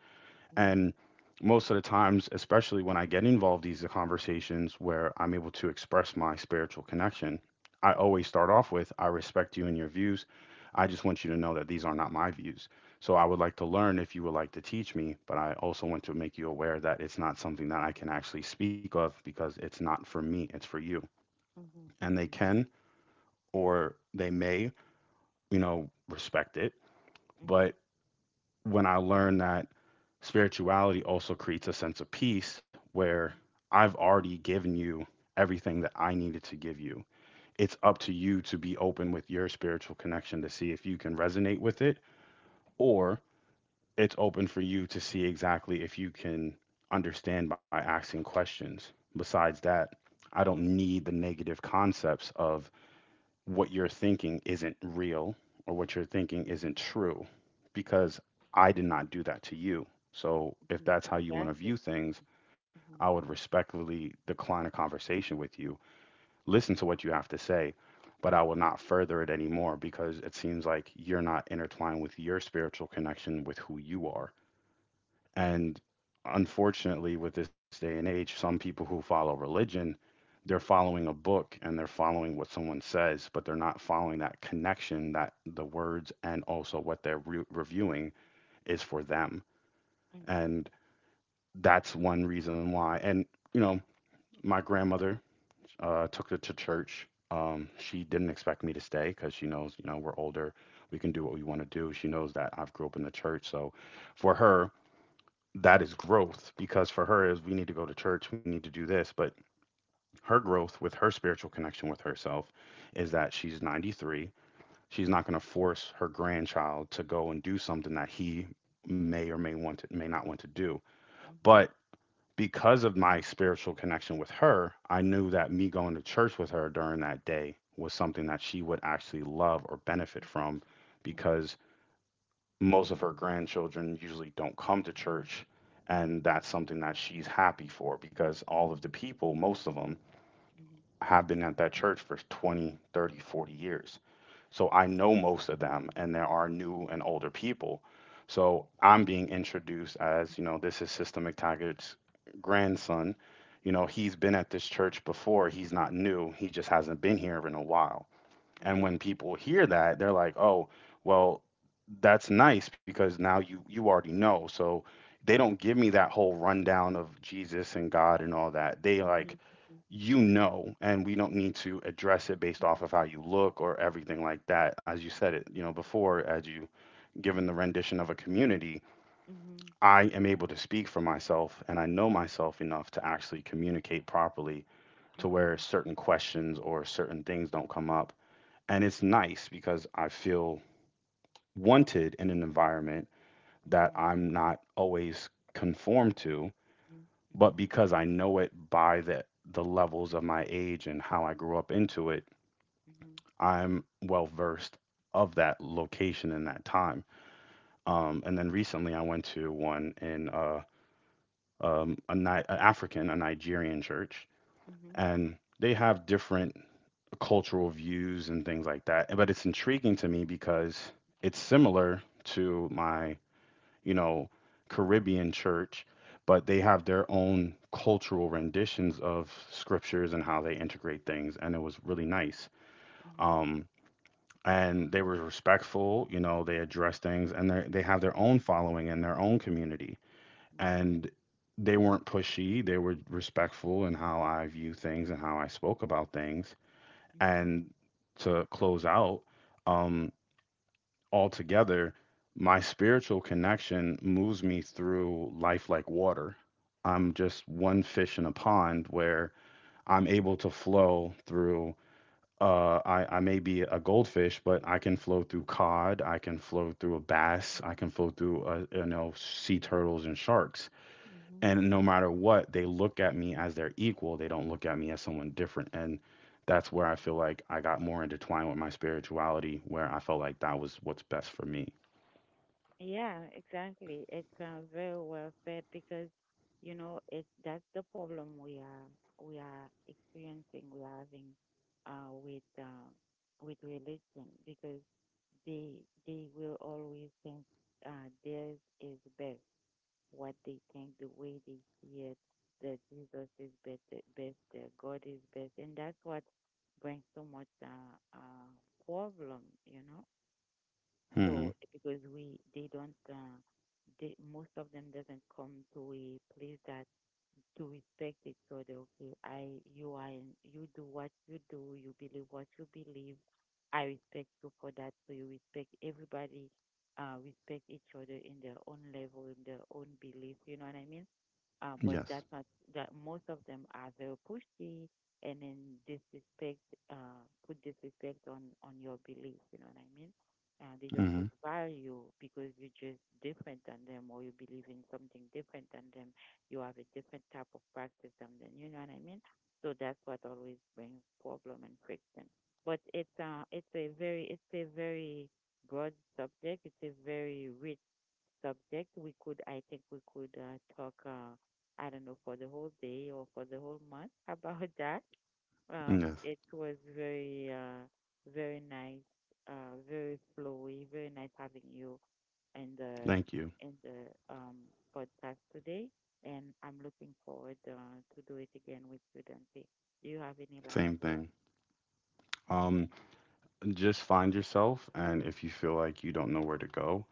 Mhm. Mhm. Mhm.
And most of the times, especially when I get involved in these conversations where I'm able to express my spiritual connection, I always start off with I respect you and your views. I just want you to know that these are not my views. So I would like to learn if you would like to teach me, but I also want to make you aware that it's not something that I can actually speak of because it's not for me, it's for you.
Mhm.
And they
Mhm.
can or they may, respect it.
Mhm.
But when I learned that spirituality also creates a sense of peace where I've already given you everything that I needed to give you. It's up to you to be open with your spiritual connection to see if you can resonate with it, or it's open for you to see exactly if you can understand by asking questions. Besides that, I don't need the negative concepts of what you're thinking isn't real or what you're thinking isn't true because I did not do that to you. So if that's how you want to
Exactly.
view things, I
Mhm.
would respectfully decline a conversation with you, listen to what you have to say, but I will not further it anymore because it seems like you're not intertwined with your spiritual connection with who you
Mhm.
are.
Mhm.
And unfortunately, with this day and age, some people who follow religion, they're following a book and they're following what someone says, but they're not following that connection that the words and also what they're reviewing is for them.
Mhm.
And that's one reason why. And, you know, my grandmother, took her to church. She didn't expect me to stay because she knows, we're older. We can do what we want to do. She knows that I've grew up in the church. So for her, that is growth because for her is we need to go to church, we need to do this, but her growth with her spiritual connection with herself is that she's 93. She's not going to force her grandchild to go and do something that he may not want to do,
Mhm.
but because of my spiritual connection with her, I knew that me going to church with her during that day was something that she would actually love or benefit from,
Mhm,
because most of her grandchildren usually don't come to church. And that's something that she's happy for because all of the people, most of them,
mhm,
have been at that church for 20 30 40 years. So I know most of them and there are new and older people. So I'm being introduced as, this is Sister McTaggart's grandson.
mhm,
He's been at this church before, he's not new, he just hasn't been here in a while.
mhm,
And
mhm,
when people hear that, they're like, "Oh, well, that's nice because now you already know." So they don't give me that whole rundown of Jesus and
mhm, mhm,
God and all that. They
mhm, mhm,
like,
mhm,
"You know, and we don't need to address it based
mhm,
off
mhm,
of how you look or everything like that." As you said it,
mhm,
before, as you given the rendition of a community,
mhm, mhm,
I
mhm,
am
mhm,
able to speak for myself and I know myself enough to actually communicate properly to where
mhm,
certain questions or certain things don't come up. And it's nice because I feel wanted in an environment that
mhm,
I'm not always conformed to, but because I know it by the levels of my age and how I grew up into it, I'm well versed of that location and that time. And then recently I went to one in a Ni- an African, a Nigerian church, and they have different cultural views and things like that. But it's intriguing to me because it's similar to my, you know, Caribbean church, but they have their own cultural renditions of scriptures and how they integrate things. And it was really nice.
mhm, mhm,
Um, and they were respectful, they addressed things and they have their own following and their own community.
mhm,
And they weren't pushy, they were respectful in how I view things and how I spoke about things, and to close out, um, altogether, my spiritual connection moves me through life like water. I'm just one fish in a pond where I'm able to flow through. I may be a goldfish, but I can flow through cod. I can flow through a bass. I can flow through, sea turtles and sharks,
mhm.
and no matter what, they look at me as their equal. They don't look at me as someone different. And that's where I feel like I got more intertwined with my spirituality where I felt like that was what's best for me.
Yeah, exactly. It's very well said, because you know it, that's the problem we are, we are experiencing, we are having uh with uh with religion, because they will always think theirs is best. What they think, the way they see it, that Jesus is better, best, that God is best, and that's what brings so much problem, you know.
Hmm.
So because we they don't, they, most of them doesn't come to a place that, to respect each other. Okay, you are, you do what you do, you believe what you believe. I respect you for that. So you respect everybody, respect each other in their own level, in their own belief. You know what I mean? But that's
Yes.
not, that most of them are very pushy, and then disrespect, put disrespect on your beliefs, you know what I mean? They don't put
Hmm.
value because you're just different than them, or you believe in something different than them, you have a different type of practice than them, you know what I mean? So that's what always brings problem and friction. But it's a very broad subject, it's a very rich subject. We could, I think we could talk, I don't know, for the whole day or for the whole month about that.
Yes.
It was very, very nice, very flowy, very nice having you in the,
Thank you.
in the podcast today, and I'm looking forward to do it again with you, Dante. Do you have any last
Same
words?
thing.
Mhm.
um, just find yourself, and if you feel like you don't know where to go,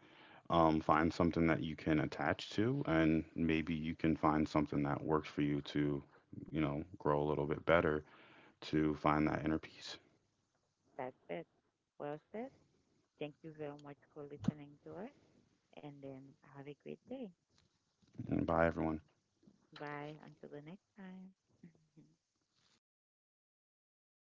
find something that you can attach to and maybe you can find something that works for you to, grow a little bit better, to find that inner peace.
That's it. Well said. Thank you very much for listening to us, and then have a great day.
And bye everyone.
Bye. Until the next time.